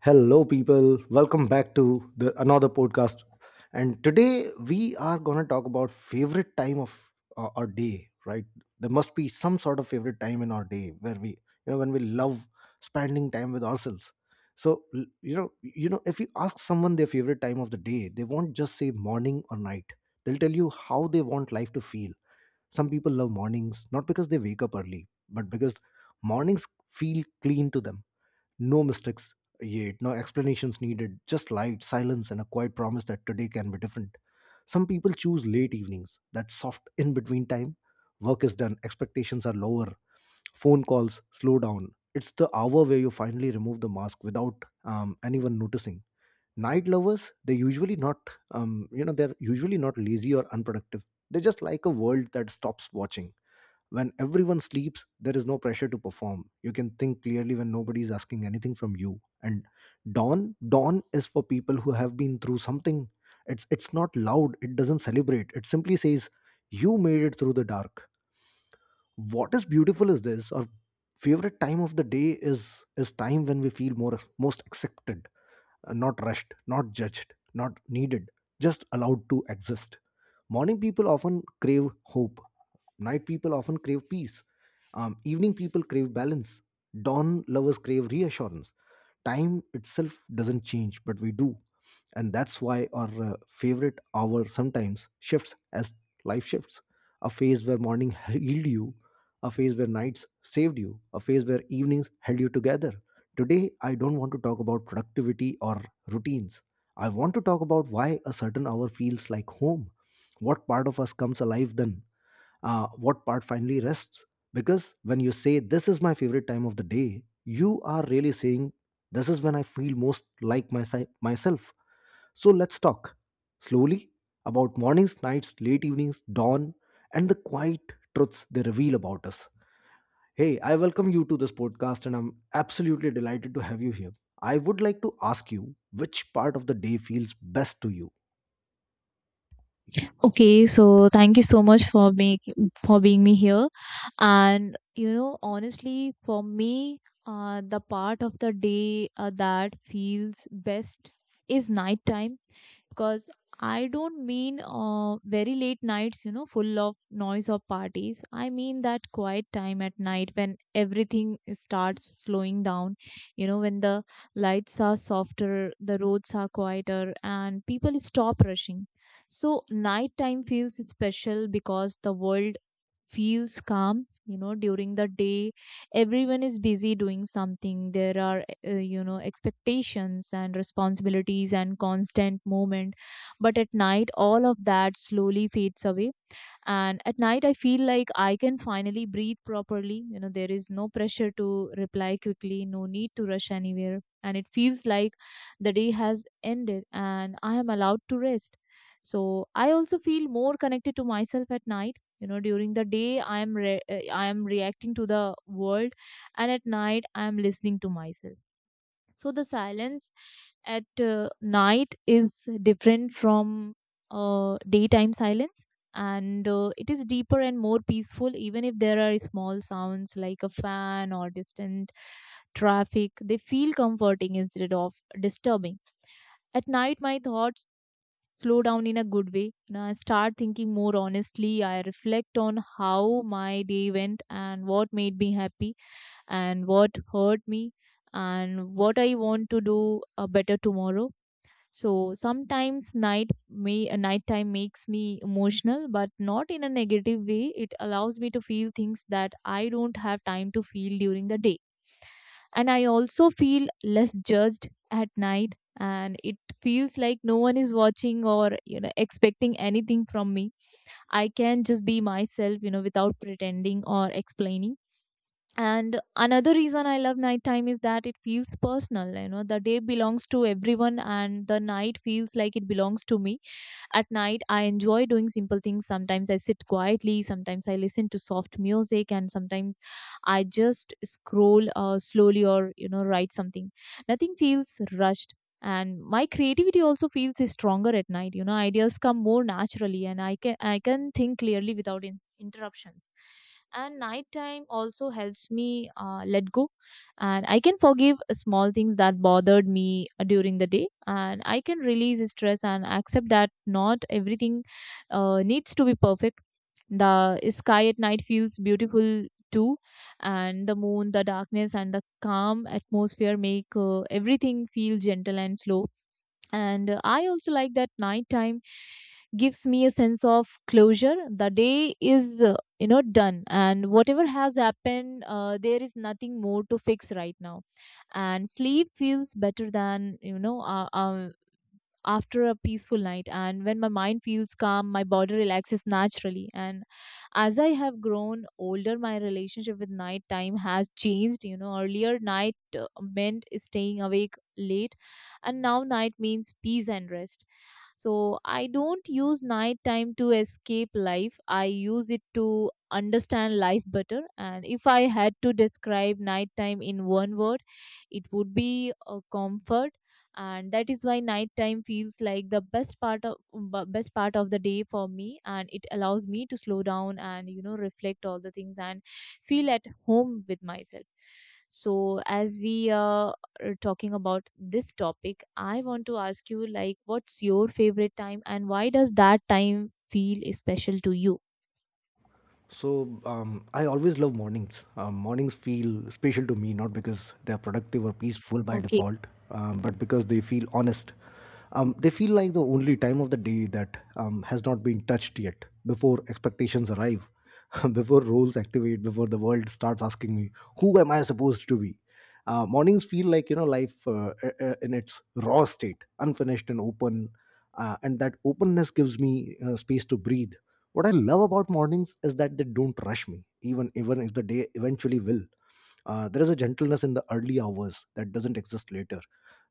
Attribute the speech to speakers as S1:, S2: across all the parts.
S1: Hello, people. Welcome back to the another podcast. And today we are gonna talk about favorite time of our day. Right? There must be some sort of favorite time in our day where we, you know, when we love spending time with ourselves. So if you ask someone their favorite time of the day, they won't just say morning or night. They'll tell you how they want life to feel. Some people love mornings not because they wake up early, but because mornings feel clean to them, no mistakes yet, no explanations needed, just light, silence, and a quiet promise that today can be different. Some people choose late evenings, that soft in between time. Work is done, expectations are lower, phone calls slow down. It's the hour where you finally remove the mask without anyone noticing. Night lovers, they're usually not lazy or unproductive. They just like a world that stops watching. When everyone sleeps, there is no pressure to perform. You can think clearly when nobody is asking anything from you. And dawn, dawn is for people who have been through something. It's not loud. It doesn't celebrate. It simply says, "You made it through the dark." What is beautiful is this. Our favorite time of the day is time when we feel more most accepted, not rushed, not judged, not needed, just allowed to exist. Morning people often crave hope. Night people often crave peace. Evening people crave balance. Dawn lovers crave reassurance. Time itself doesn't change, but we do. And that's why our favorite hour sometimes shifts as life shifts. A phase where morning healed you, a phase where nights saved you, a phase where evenings held you together. Today, I don't want to talk about productivity or routines. I want to talk about why a certain hour feels like home. What part of us comes alive then? What part finally rests? Because when you say this is my favorite time of the day, you are really saying this is when I feel most like myself. So let's talk slowly about mornings, nights, late evenings, dawn, and the quiet truths they reveal about us. Hey, I welcome you to this podcast, and I'm absolutely delighted to have you here. I would like to ask you, which part of the day feels best to you?
S2: Okay, so thank you so much for make for being me here. And you know, honestly, for me, the part of the day that feels best is nighttime because I don't mean very late nights, you know, full of noise or parties. I mean that quiet time at night when everything starts slowing down, you know, when the lights are softer, the roads are quieter, and people stop rushing. So, nighttime feels special because the world feels calm. You know, during the day everyone is busy doing something. There are you know, expectations and responsibilities and constant movement, but at night all of that slowly fades away. And at night I feel like I can finally breathe properly. You know, there is no pressure to reply quickly, no need to rush anywhere, and it feels like the day has ended and I am allowed to rest. So I also feel more connected to myself at night. You know, during the day I am I am reacting to the world, and at night I am listening to myself. So the silence at night is different from daytime silence, and it is deeper and more peaceful. Even if there are small sounds like a fan or distant traffic, they feel comforting instead of disturbing. At night my thoughts slow down in a good way, and I start thinking more honestly. I reflect on how my day went and what made me happy and what hurt me and what I want to do better tomorrow. So sometimes nighttime makes me emotional, but not in a negative way. It allows me to feel things that I don't have time to feel during the day. And I also feel less judged at night, and it feels like no one is watching or, you know, expecting anything from me. I can just be myself, you know, without pretending or explaining. And another reason I love nighttime is that it feels personal. You know, the day belongs to everyone, and the night feels like it belongs to me. At night, I enjoy doing simple things. Sometimes I sit quietly, sometimes I listen to soft music, and sometimes I just scroll slowly or, you know, write something. Nothing feels rushed. And my creativity also feels stronger at night. You know, ideas come more naturally, and I can think clearly without interruptions. And nighttime also helps me let go, and I can forgive small things that bothered me during the day, and I can release stress and accept that not everything needs to be perfect. The sky at night feels beautiful too, and the moon, the darkness and the calm atmosphere make everything feel gentle and slow. And I also like that nighttime gives me a sense of closure. The day is, you know, done, and whatever has happened, there is nothing more to fix right now. And sleep feels better than, after a peaceful night, and when my mind feels calm my body relaxes naturally. And as I have grown older my relationship with night time has changed. You know, earlier night meant staying awake late, and now night means peace and rest. So I don't use nighttime to escape life. I use it to understand life better. And if I had to describe nighttime in one word, it would be a comfort. And that is why nighttime feels like the best part of best part of the day for me, and it allows me to slow down and, you know, reflect all the things and feel at home with myself. So as we talking about this topic, I want to ask you, like, what's your favorite time and why does that time feel special to you?
S1: So I always love mornings. Mornings feel special to me, not because they are productive or peaceful by
S2: Okay.
S1: default, but because they feel honest. They feel like the only time of the day that has not been touched yet, before expectations arrive, before roles activate, before the world starts asking me, "Who am I supposed to be?" Mornings feel like, you know, life in its raw state, unfinished and open, and that openness gives me space to breathe. What I love about mornings is that they don't rush me, even if the day eventually will. There is a gentleness in the early hours that doesn't exist later.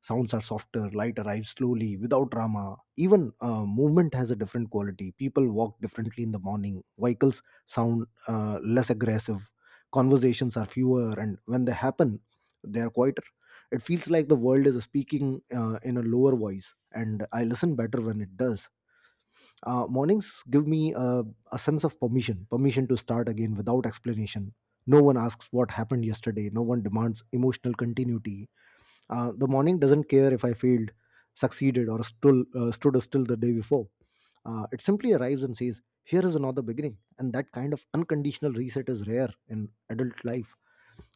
S1: Sounds are softer, light arrives slowly, without drama. Even movement has a different quality. People walk differently in the morning. Vehicles sound less aggressive. Conversations are fewer, and when they happen, they are quieter. It feels like the world is speaking in a lower voice, and I listen better when it does. Mornings give me a sense of permission, permission to start again without explanation. No one asks what happened yesterday, no one demands emotional continuity. The morning doesn't care if I failed, succeeded, or stood still the day before. It simply arrives and says, here is another beginning. And that kind of unconditional reset is rare in adult life.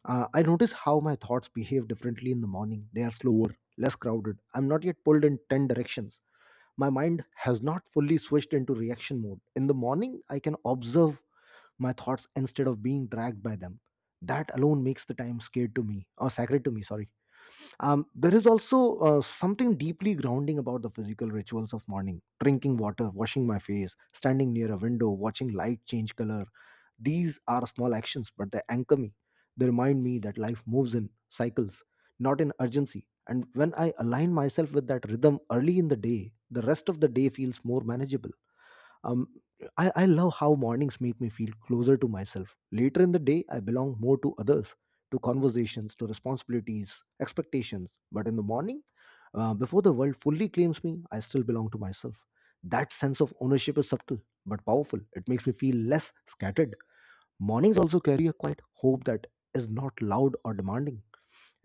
S1: I notice how my thoughts behave differently in the morning. They are slower, less crowded. I'm not yet pulled in 10 directions. My mind has not fully switched into reaction mode. In the morning, I can observe my thoughts instead of being dragged by them. That alone makes the time scared to me, or sacred to me. Sorry. There is also something deeply grounding about the physical rituals of morning: drinking water, washing my face, standing near a window, watching light change color. These are small actions, but they anchor me. They remind me that life moves in cycles, not in urgency. And when I align myself with that rhythm early in the day, the rest of the day feels more manageable. Um, I love how mornings make me feel closer to myself. Later in the day, I belong more to others, to conversations, to responsibilities, expectations. But in the morning, before the world fully claims me, I still belong to myself. That sense of ownership is subtle but powerful. It makes me feel less scattered. Mornings also carry a quiet hope that is not loud or demanding.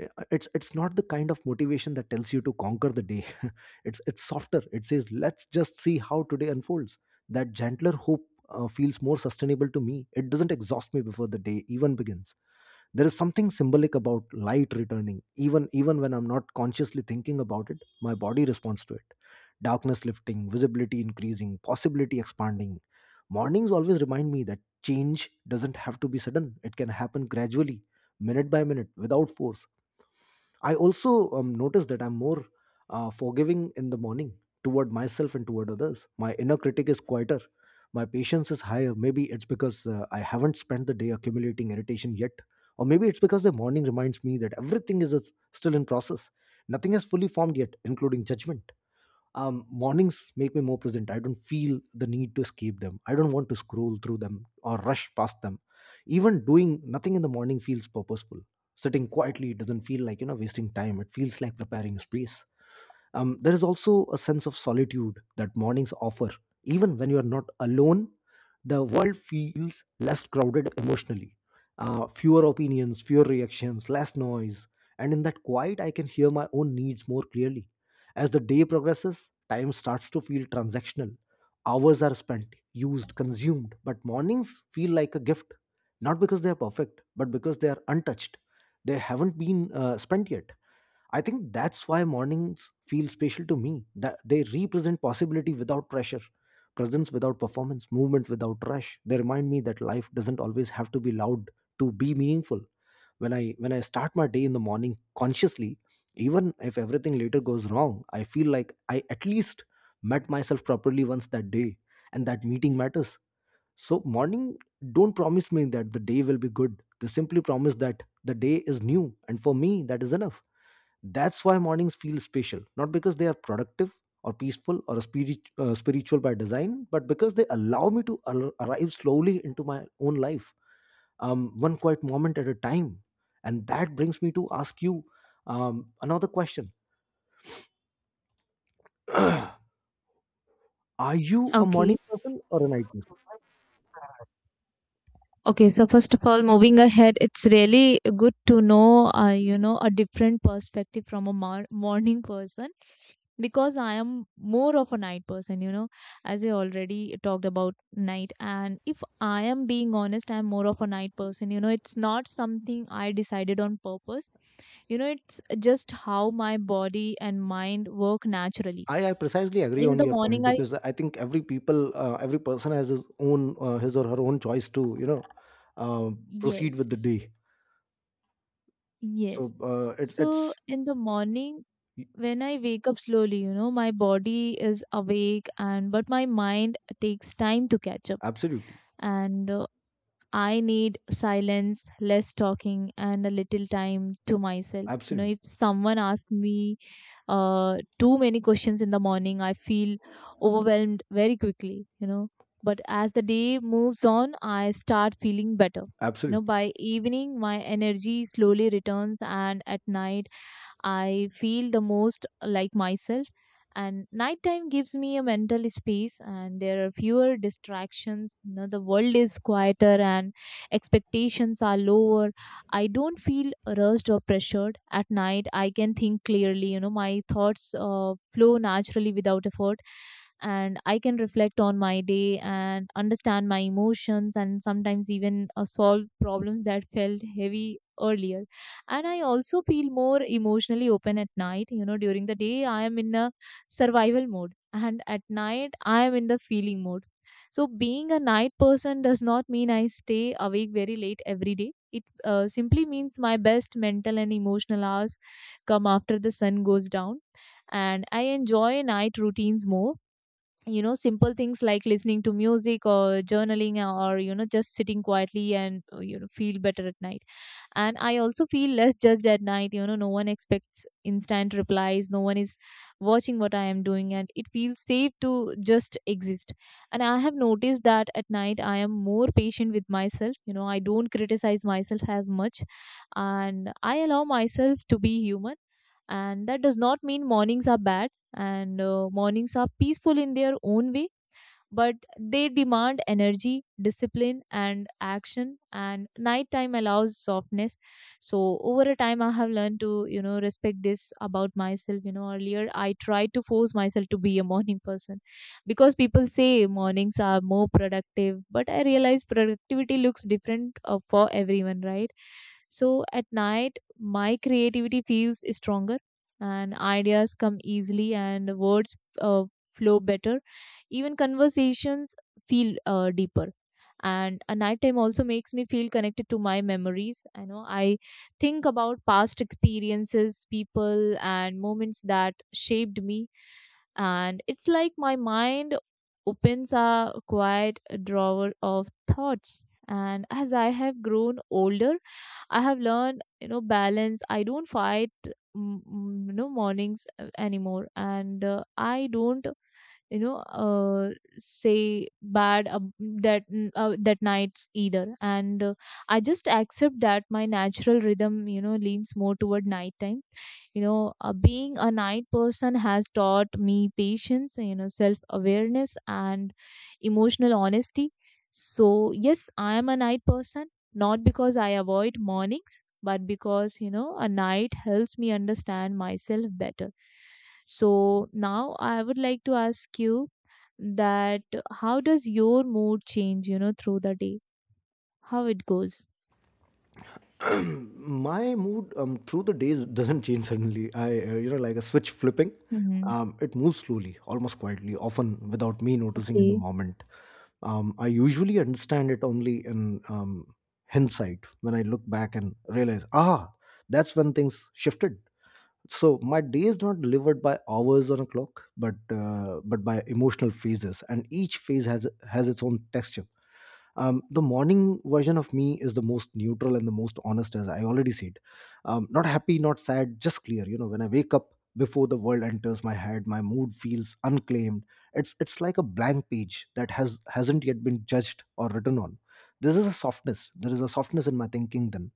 S1: It's not the kind of motivation that tells you to conquer the day. It's softer. It says, let's just see how today unfolds. That gentler hope feels more sustainable to me. It doesn't exhaust me before the day even begins. There is something symbolic about light returning, even when I'm not consciously thinking about it. My body responds to it: darkness lifting, visibility increasing, possibility expanding. Mornings always remind me that change doesn't have to be sudden, it can happen gradually, minute by minute, without force. I also notice that I'm more forgiving in the morning, toward myself and toward others. My inner critic is quieter. My patience is higher. Maybe it's because I haven't spent the day accumulating irritation yet. Or maybe it's because the morning reminds me that everything is still in process. Nothing has fully formed yet, including judgment. Mornings make me more present. I don't feel the need to escape them. I don't want to scroll through them or rush past them. Even doing nothing in the morning feels purposeful. Sitting quietly doesn't feel like, you know, wasting time, it feels like preparing space. There is also a sense of solitude that mornings offer. Even when you are not alone, the world feels less crowded emotionally. Fewer opinions, fewer reactions, less noise. And in that quiet, I can hear my own needs more clearly. As the day progresses, time starts to feel transactional. Hours are spent, used, consumed, but mornings feel like a gift. Not because they are perfect, but because they are untouched. They haven't been spent yet. I think that's why mornings feel special to me. That they represent possibility without pressure, presence without performance, movement without rush. They remind me that life doesn't always have to be loud to be meaningful. When I start my day in the morning consciously, even if everything later goes wrong, I feel like I at least met myself properly once that day, and that meeting matters. So morning don't promise me that the day will be good. They simply promise that the day is new, and for me that is enough. That's why mornings feel special, not because they are productive or peaceful or spiritual by design, but because they allow me to arrive slowly into my own life, one quiet moment at a time. And that brings me to ask you another question. Are you a morning
S2: Okay.
S1: person or a night person?
S2: Okay, so first of all, moving ahead, it's really good to know, you know, a different perspective from a morning person, because I am more of a night person, you know, as I already talked about night. And if I am being honest, I'm more of a night person, you know. It's not something I decided on purpose, you know, it's just how my body and mind work naturally.
S1: I precisely agree
S2: In
S1: on
S2: the
S1: your point
S2: morning, I,
S1: because I think every person has his or her own choice to, you know, uh, proceed with the
S2: yes,
S1: day. So
S2: yes.
S1: uh, it's
S2: So
S1: it's
S2: in the morning, when I wake up slowly, you know, my body is awake and but my mind takes time to catch up,
S1: absolutely.
S2: and I need silence, less talking, and a little time to myself. You know,
S1: Absolutely,
S2: if someone asks me too many questions in the morning, I feel overwhelmed very quickly, you know. But as the day moves on, I start feeling better. You know,
S1: absolutely.
S2: by evening, my energy slowly returns, and at night, I feel the most like myself. And nighttime gives me a mental space, and there are fewer distractions. You know, the world is quieter, and expectations are lower. I don't feel rushed or pressured at night. I can think clearly. You know, my thoughts flow naturally without effort, and I can reflect on my day and understand my emotions, and sometimes even solve problems that felt heavy earlier. And I also feel more emotionally open at night. You know, during the day, I am in a survival mode, and at night, I am in the feeling mode. So, being a night person does not mean I stay awake very late every day. It simply means my best mental and emotional hours come after the sun goes down. And I enjoy night routines more. You know, simple things like listening to music or journaling or, you know, just sitting quietly and, you know, feel better at night. And I also feel less judged at night. You know, no one expects instant replies, no one is watching what I am doing, and it feels safe to just exist. And I have noticed that at night I am more patient with myself. You know, I don't criticize myself as much, and I allow myself to be human. And that does not mean mornings are bad, and mornings are peaceful in their own way, but they demand energy, discipline, and action. And nighttime allows softness. So over a time, I have learned to, you know, respect this about myself. You know, earlier I tried to force myself to be a morning person because people say mornings are more productive, but I realize productivity looks different for everyone, right? So at night, my creativity feels stronger and ideas come easily and words uh, flow better. Even conversations feel deeper. And a nighttime also makes me feel connected to my memories. I know I think about past experiences, people, and moments that shaped me. And it's like my mind opens a quiet drawer of thoughts. And as I have grown older, I have learned, you know, balance. I don't fight, you know, mornings anymore, and I don't you know uh, say bad ab that n- that nights either, and I just accept that my natural rhythm, you know, leans more toward nighttime. You know, being a night person has taught me patience, you know, self awareness and emotional honesty. So, yes, I am a night person, not because I avoid mornings, but because, you know, a night helps me understand myself better. So, now I would like to ask you that how does your mood change, you know, through the day? How it goes?
S1: My mood through the days doesn't change suddenly. You know, like a switch flipping.
S2: Mm-hmm.
S1: It moves slowly, almost quietly, often without me noticing in the
S2: Okay.
S1: moment. I usually understand it only in hindsight when I look back and realize, ah, that's when things shifted. So my day is not delivered by hours on a clock, but but by emotional phases, and each phase has its own texture. The morning version of me is the most neutral and the most honest, as I already said. Not happy, not sad, just clear, you know, when I wake up, before the world enters my head, my mood feels unclaimed. It's like a blank page that hasn't yet been judged or written on. This is a softness, there is a softness in my thinking then.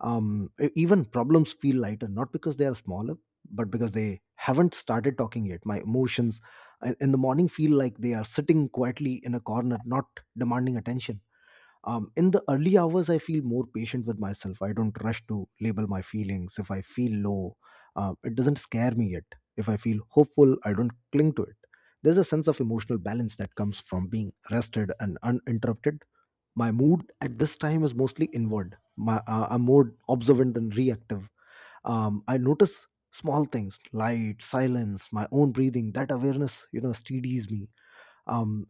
S1: Even problems feel lighter, not because they are smaller, but because they haven't started talking yet. My emotions, in the morning, feel like they are sitting quietly in a corner, not demanding attention. In the early hours I feel more patient with myself. I don't rush to label my feelings. If I feel low, it doesn't scare me yet. If I feel hopeful, I don't cling to it. There's a sense of emotional balance that comes from being rested and uninterrupted. My mood at this time is mostly inward. I'm more observant than reactive. I notice small things, light, silence, my own breathing. That awareness, you know, steadies me. um,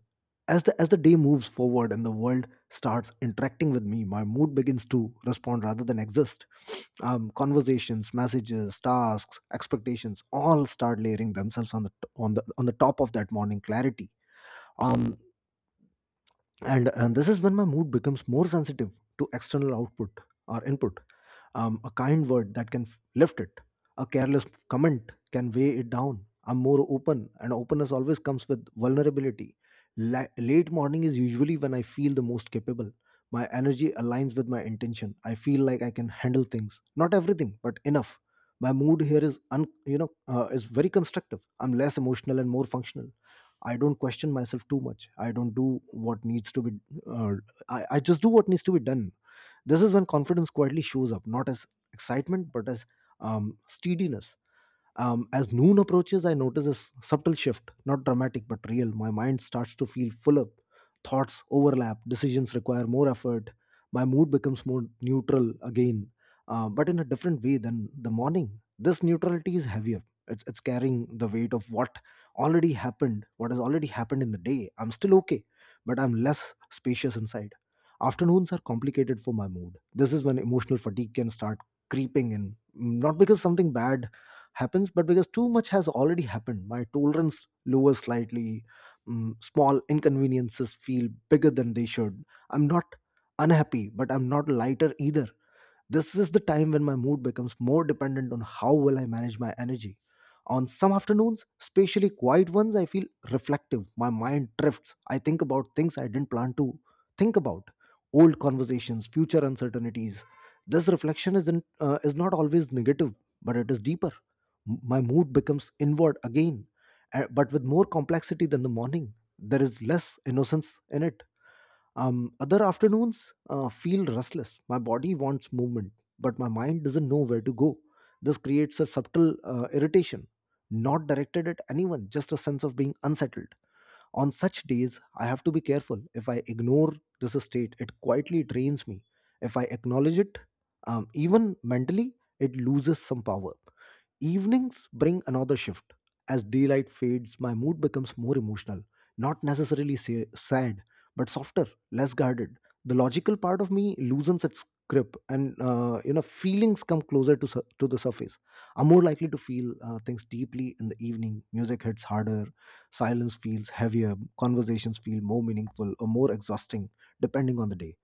S1: as the day moves forward and the world starts interacting with me, my mood begins to respond rather than exist. Conversations, messages, tasks, expectations all start layering themselves on the top of that morning clarity. um, and this is when my mood becomes more sensitive to external output, or input. A kind word that can f- lift it, a careless comment can weigh it down. I'm more open, and openness always comes with vulnerability. Late morning is usually when I feel the most capable. My energy aligns with my intention. I feel like I can handle things, not everything, but enough. My mood here is, is very constructive. I'm less emotional and more functional. I don't question myself too much. I don't do what needs to be. Uh, I just do what needs to be done. This is when confidence quietly shows up, not as excitement, but as steadiness. As noon approaches, I notice a subtle shift, not dramatic but real. My mind starts to feel fuller. Thoughts overlap, decisions require more effort. My mood becomes more neutral again, but in a different way than the morning. This neutrality is heavier. It's carrying the weight of what has already happened in the day. I'm still okay, but I'm less spacious inside. Afternoons are complicated for my mood. This is when emotional fatigue can start creeping in. Not because something bad happens, but because too much has already happened. My tolerance lowers slightly. Small inconveniences feel bigger than they should. I'm not unhappy, but I'm not lighter either. This is the time when my mood becomes more dependent on how well I manage my energy. On some afternoons, especially quiet ones, I feel reflective. My mind drifts. I think about things I didn't plan to think about: old conversations, future uncertainties. This reflection isn't, is not always negative, but it is deeper. My mood becomes inward again, but with more complexity than the morning. There is less innocence in it. Other afternoons feel restless. My body wants movement, but my mind doesn't know where to go. This creates a subtle irritation, not directed at anyone, just a sense of being unsettled. On such days, I have to be careful. If I ignore this state, it quietly drains me. If I acknowledge it, even mentally, it loses some power. Evenings bring another shift. As daylight fades, my mood becomes more emotional, not necessarily sad, but softer, less guarded. The logical part of me loosens its grip, and you know, feelings come closer to the surface. I'm more likely to feel things deeply in the evening. Music hits harder, silence feels heavier, conversations feel more meaningful or more exhausting, depending on the day.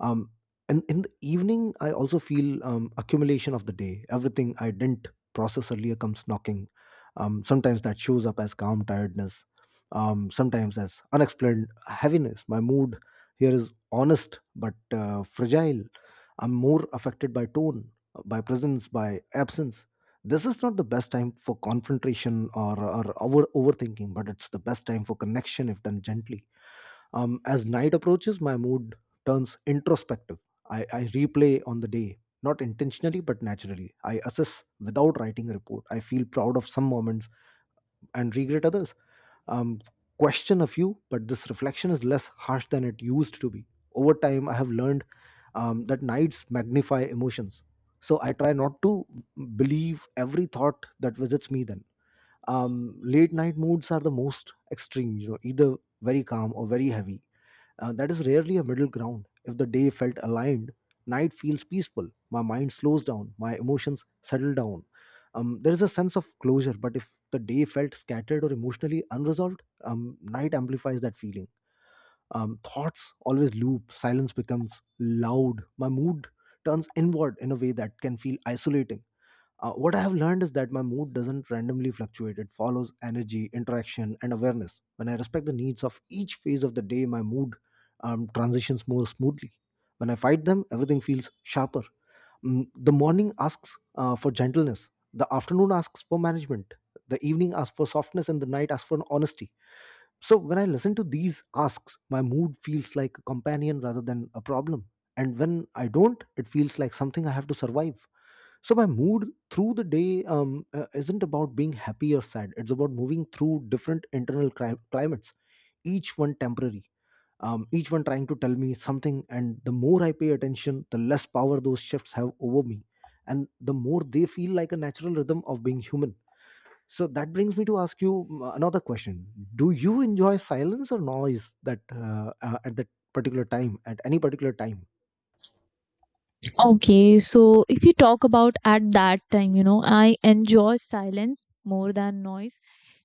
S1: um, and in the evening I also feel accumulation of the day. Everything I didn't process earlier comes knocking. Sometimes that shows up as calm tiredness, sometimes as unexplained heaviness. My mood here is honest but fragile. I'm more affected by tone, by presence, by absence. This is not the best time for confrontation or overthinking, but it's the best time for connection if done gently. As night approaches, my mood turns introspective. I replay on the day, not intentionally but naturally. I assess without writing a report. I feel proud of some moments and regret others. Um, Question a few, but this reflection is less harsh than it used to be. Over time, I have learned that nights magnify emotions. So I try not to believe every thought that visits me then. Late night moods are the most extreme, you know, either very calm or very heavy. That is rarely a middle ground. If the day felt aligned, night feels peaceful. My mind slows down, my emotions settle down. There is a sense of closure. But if the day felt scattered or emotionally unresolved, night amplifies that feeling. Thoughts always loop, silence becomes loud, my mood turns inward in a way that can feel isolating. What I have learned is that my mood doesn't randomly fluctuate. It follows energy, interaction, and awareness. When I respect the needs of each phase of the day, my mood transitions more smoothly. When I fight them, everything feels sharper. The morning asks for gentleness, the afternoon asks for management, the evening asks for softness, and the night asks for honesty. So when I listen to these asks, my mood feels like a companion rather than a problem. And when I don't, it feels like something I have to survive. So my mood through the day isn't about being happy or sad. It's about moving through different internal climates, each one temporary, each one trying to tell me something. And the more I pay attention, the less power those shifts have over me, and the more they feel like a natural rhythm of being human. So that brings me to ask you another question. Do you enjoy silence or noise that at that particular time at any particular time?
S2: Okay, so if you talk about at that time, you know, I enjoy silence more than noise.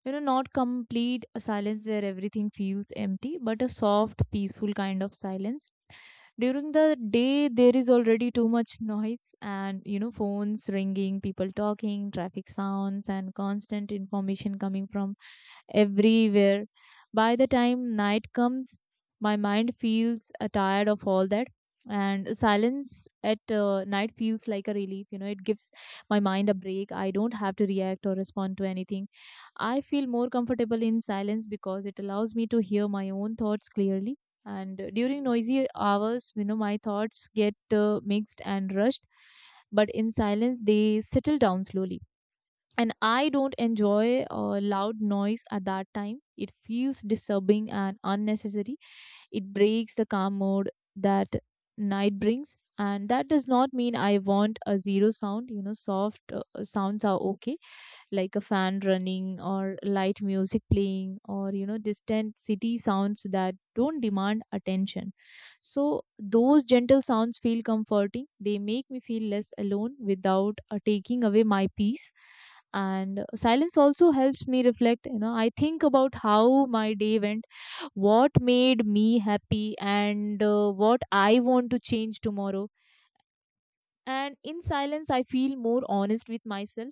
S2: You know, not complete silence where everything feels empty, but a soft, peaceful kind of silence. During the day, there is already too much noise and, you know, phones ringing, people talking, traffic sounds, and constant information coming from everywhere. By the time night comes, my mind feels tired of all that. And silence at night feels like a relief. You know, it gives my mind a break. I don't have to react or respond to anything. I feel more comfortable in silence because it allows me to hear my own thoughts clearly. And during noisy hours, you know, my thoughts get mixed and rushed, but in silence, they settle down slowly. And I don't enjoy loud noise at that time. It feels disturbing and unnecessary. It breaks the calm mode that night brings, and that does not mean I want a zero sound. You know, soft sounds are okay, like a fan running or light music playing or, you know, distant city sounds that don't demand attention. So those gentle sounds feel comforting. They make me feel less alone without taking away my peace. And silence also helps me reflect. You know, I think about how my day went, what made me happy and what I want to change tomorrow. And in silence I feel more honest with myself.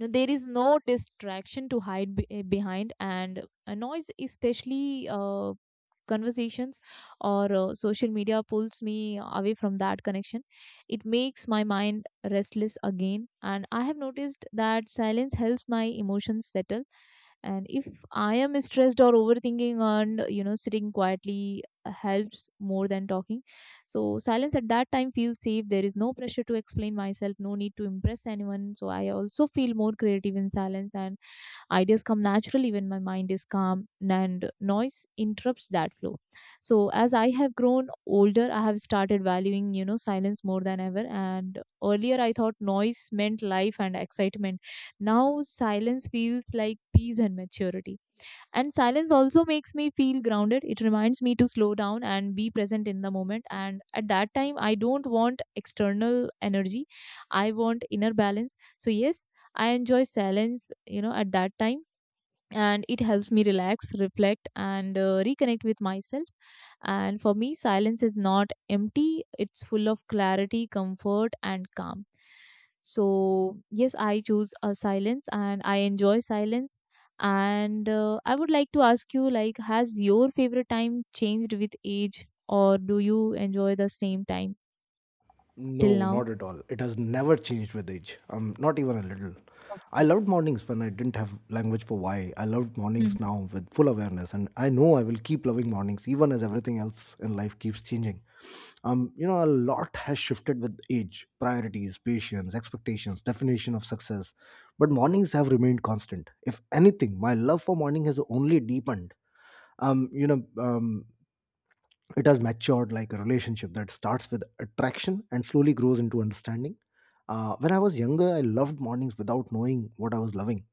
S2: Know, there is no distraction to hide behind, and a noise, especially conversations or social media, pulls me away from that connection. It makes my mind restless again, and I have noticed that silence helps my emotions settle. And if I am stressed or overthinking, and you know, sitting quietly helps more than talking. So silence at that time feels safe. There is no pressure to explain myself, no need to impress anyone. So I also feel more creative in silence, and ideas come naturally when my mind is calm and noise interrupts that flow. So as I have grown older, I have started valuing, you know, silence more than ever. And earlier I thought noise meant life and excitement. Now silence feels like peace and maturity. And silence also makes me feel grounded. It reminds me to slow down and be present in the moment. And at that time, I don't want external energy. I want inner balance. So yes, I enjoy silence, you know, at that time, and it helps me relax, reflect, and reconnect with myself. And for me silence is not empty. It's full of clarity, comfort and calm. So yes, I choose a silence and I enjoy silence. And I would like to ask you, like, has your favorite time changed with age or do you enjoy the same time till
S1: No,
S2: now?
S1: not at all. It has never changed with age. Not even a little. I
S2: Okay.
S1: loved mornings when I didn't have language for why. I loved mornings
S2: Mhm.
S1: now with full awareness, and I know I will keep loving mornings even as everything else in life keeps changing. You know, A lot has shifted with age, priorities, patience, expectations, definition of success, but mornings have remained constant. If anything, my love for morning has only deepened. Um, you know, um, it has matured like a relationship that starts with attraction and slowly grows into understanding. When I was younger, I loved mornings without knowing what I was loving.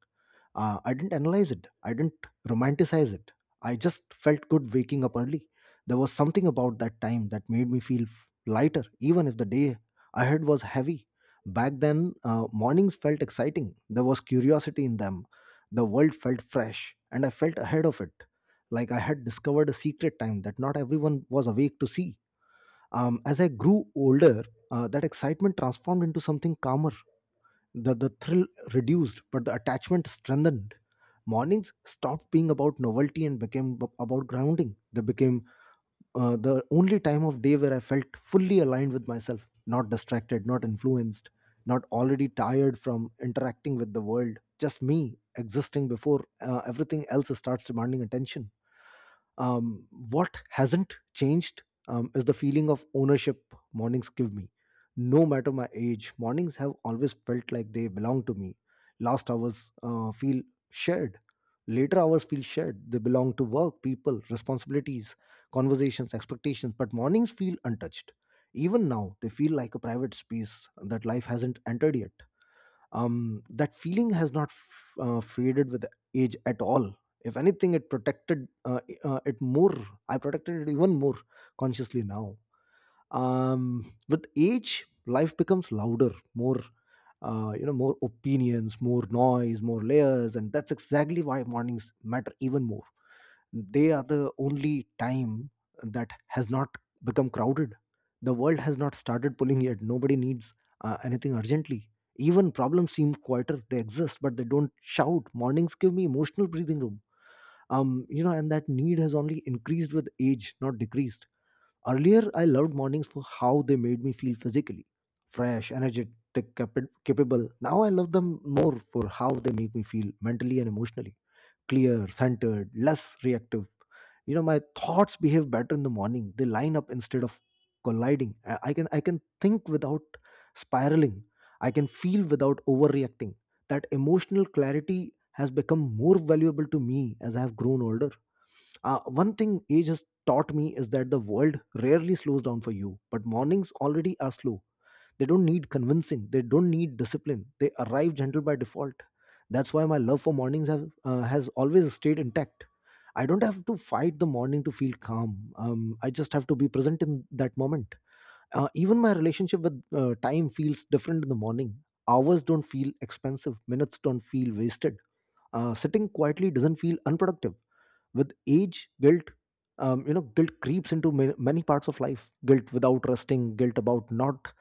S1: I didn't analyze it, I didn't romanticize it. I just felt good waking up early. There was something about that time that made me feel lighter even if the day ahead was heavy. Back then, mornings felt exciting. There was curiosity in them. The world felt fresh and I felt ahead of it, like I had discovered a secret time that not everyone was awake to see. As I grew older, that excitement transformed into something calmer. The thrill reduced, but the attachment strengthened. Mornings stopped being about novelty and became about grounding. They became the only time of day where I felt fully aligned with myself, not distracted, not influenced, not already tired from interacting with the world. Just me existing before everything else starts demanding attention. What hasn't changed is the feeling of ownership mornings give me. No matter my age, mornings have always felt like they belong to me. Last hours feel shared. Later hours feel shared. They belong to work, people, responsibilities, conversations, expectations. But mornings feel untouched. Even now, they feel like a private space that life hasn't entered yet. That feeling has not faded with age at all. If anything, it protected it more I protected it even more consciously now. With age, life becomes louder, more, you know, more opinions, more noise, more layers, and that's exactly why mornings matter even more. They are the only time that has not become crowded. The world has not started pulling yet, nobody needs anything urgently. Even problems seem quieter. They exist but they don't shout. Mornings give me emotional breathing room, you know, and that need has only increased with age, not decreased. Earlier I loved mornings for how they made me feel physically, fresh, energetic, capable. Now I love them more for how they make me feel mentally and emotionally, clear, centered, less reactive. You know, my thoughts behave better in the morning. They line up instead of colliding. I can think without spiraling. I can feel without overreacting. That emotional clarity has become more valuable to me as I have grown older. One thing age has taught me is that the world rarely slows down for you, but mornings already are slow. They don't need convincing. They don't need discipline. They arrive gentle by default. That's why my love for mornings has always stayed intact. I don't have to fight the morning to feel calm. I just have to be present in that moment. Even my relationship with time feels different in the morning. Hours don't feel expensive. Minutes don't feel wasted. Sitting quietly doesn't feel unproductive. With age, guilt, you know, guilt creeps into many parts of life, guilt without resting, guilt about not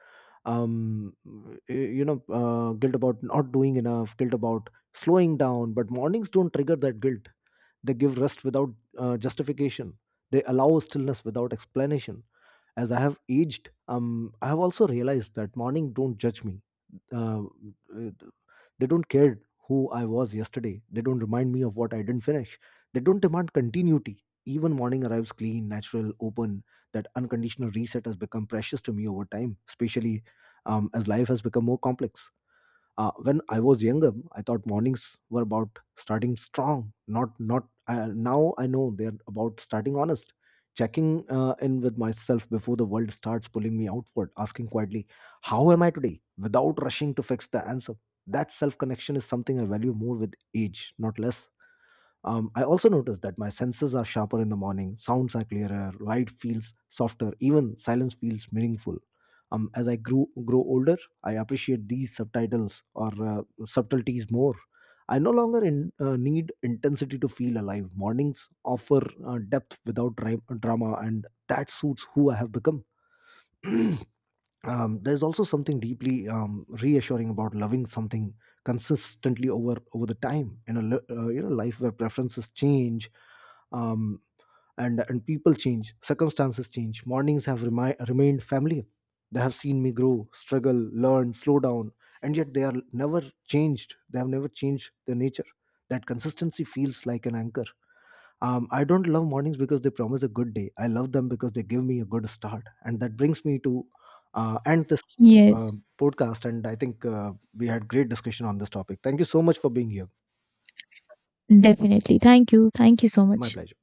S1: um y- you know guilt about not doing enough, guilt about slowing down. But mornings don't trigger that guilt. They give rest without justification. They allow stillness without explanation. As I have aged, I have also realized that morning don't judge me. uh, they don't care who I was yesterday. They don't remind me of what I didn't finish. They don't demand continuity. Even morning arrives clean, natural, open. That unconditional reset has become precious to me over time, especially as life has become more complex. When I was younger, I thought mornings were about starting strong, not not. Now I know they're about starting honest, checking in with myself before the world starts pulling me outward, asking quietly, "How am I today?" without rushing to fix the answer. That self connection is something I value more with age, not less. I also noticed that my senses are sharper in the morning, sounds are clearer, light feels softer, even silence feels meaningful. As I grew grow older, I appreciate these subtitles or subtleties more. I no longer need intensity to feel alive. Mornings offer depth without drama, and that suits who I have become. There's also something deeply reassuring about loving something consistently over the time in a you know, life where preferences change, um, and people change, circumstances change. Mornings have remained familiar. They have seen me grow, struggle, learn, slow down, and yet they have never changed their nature. That consistency feels like an anchor. I don't love mornings because they promise a good day. I love them because they give me a good start, and that brings me to end this uh,
S2: Yes,
S1: podcast. And I think we had great discussion on this topic. Thank you so much for being here.
S2: definitely. Thank you, thank you so
S1: My
S2: much.
S1: pleasure.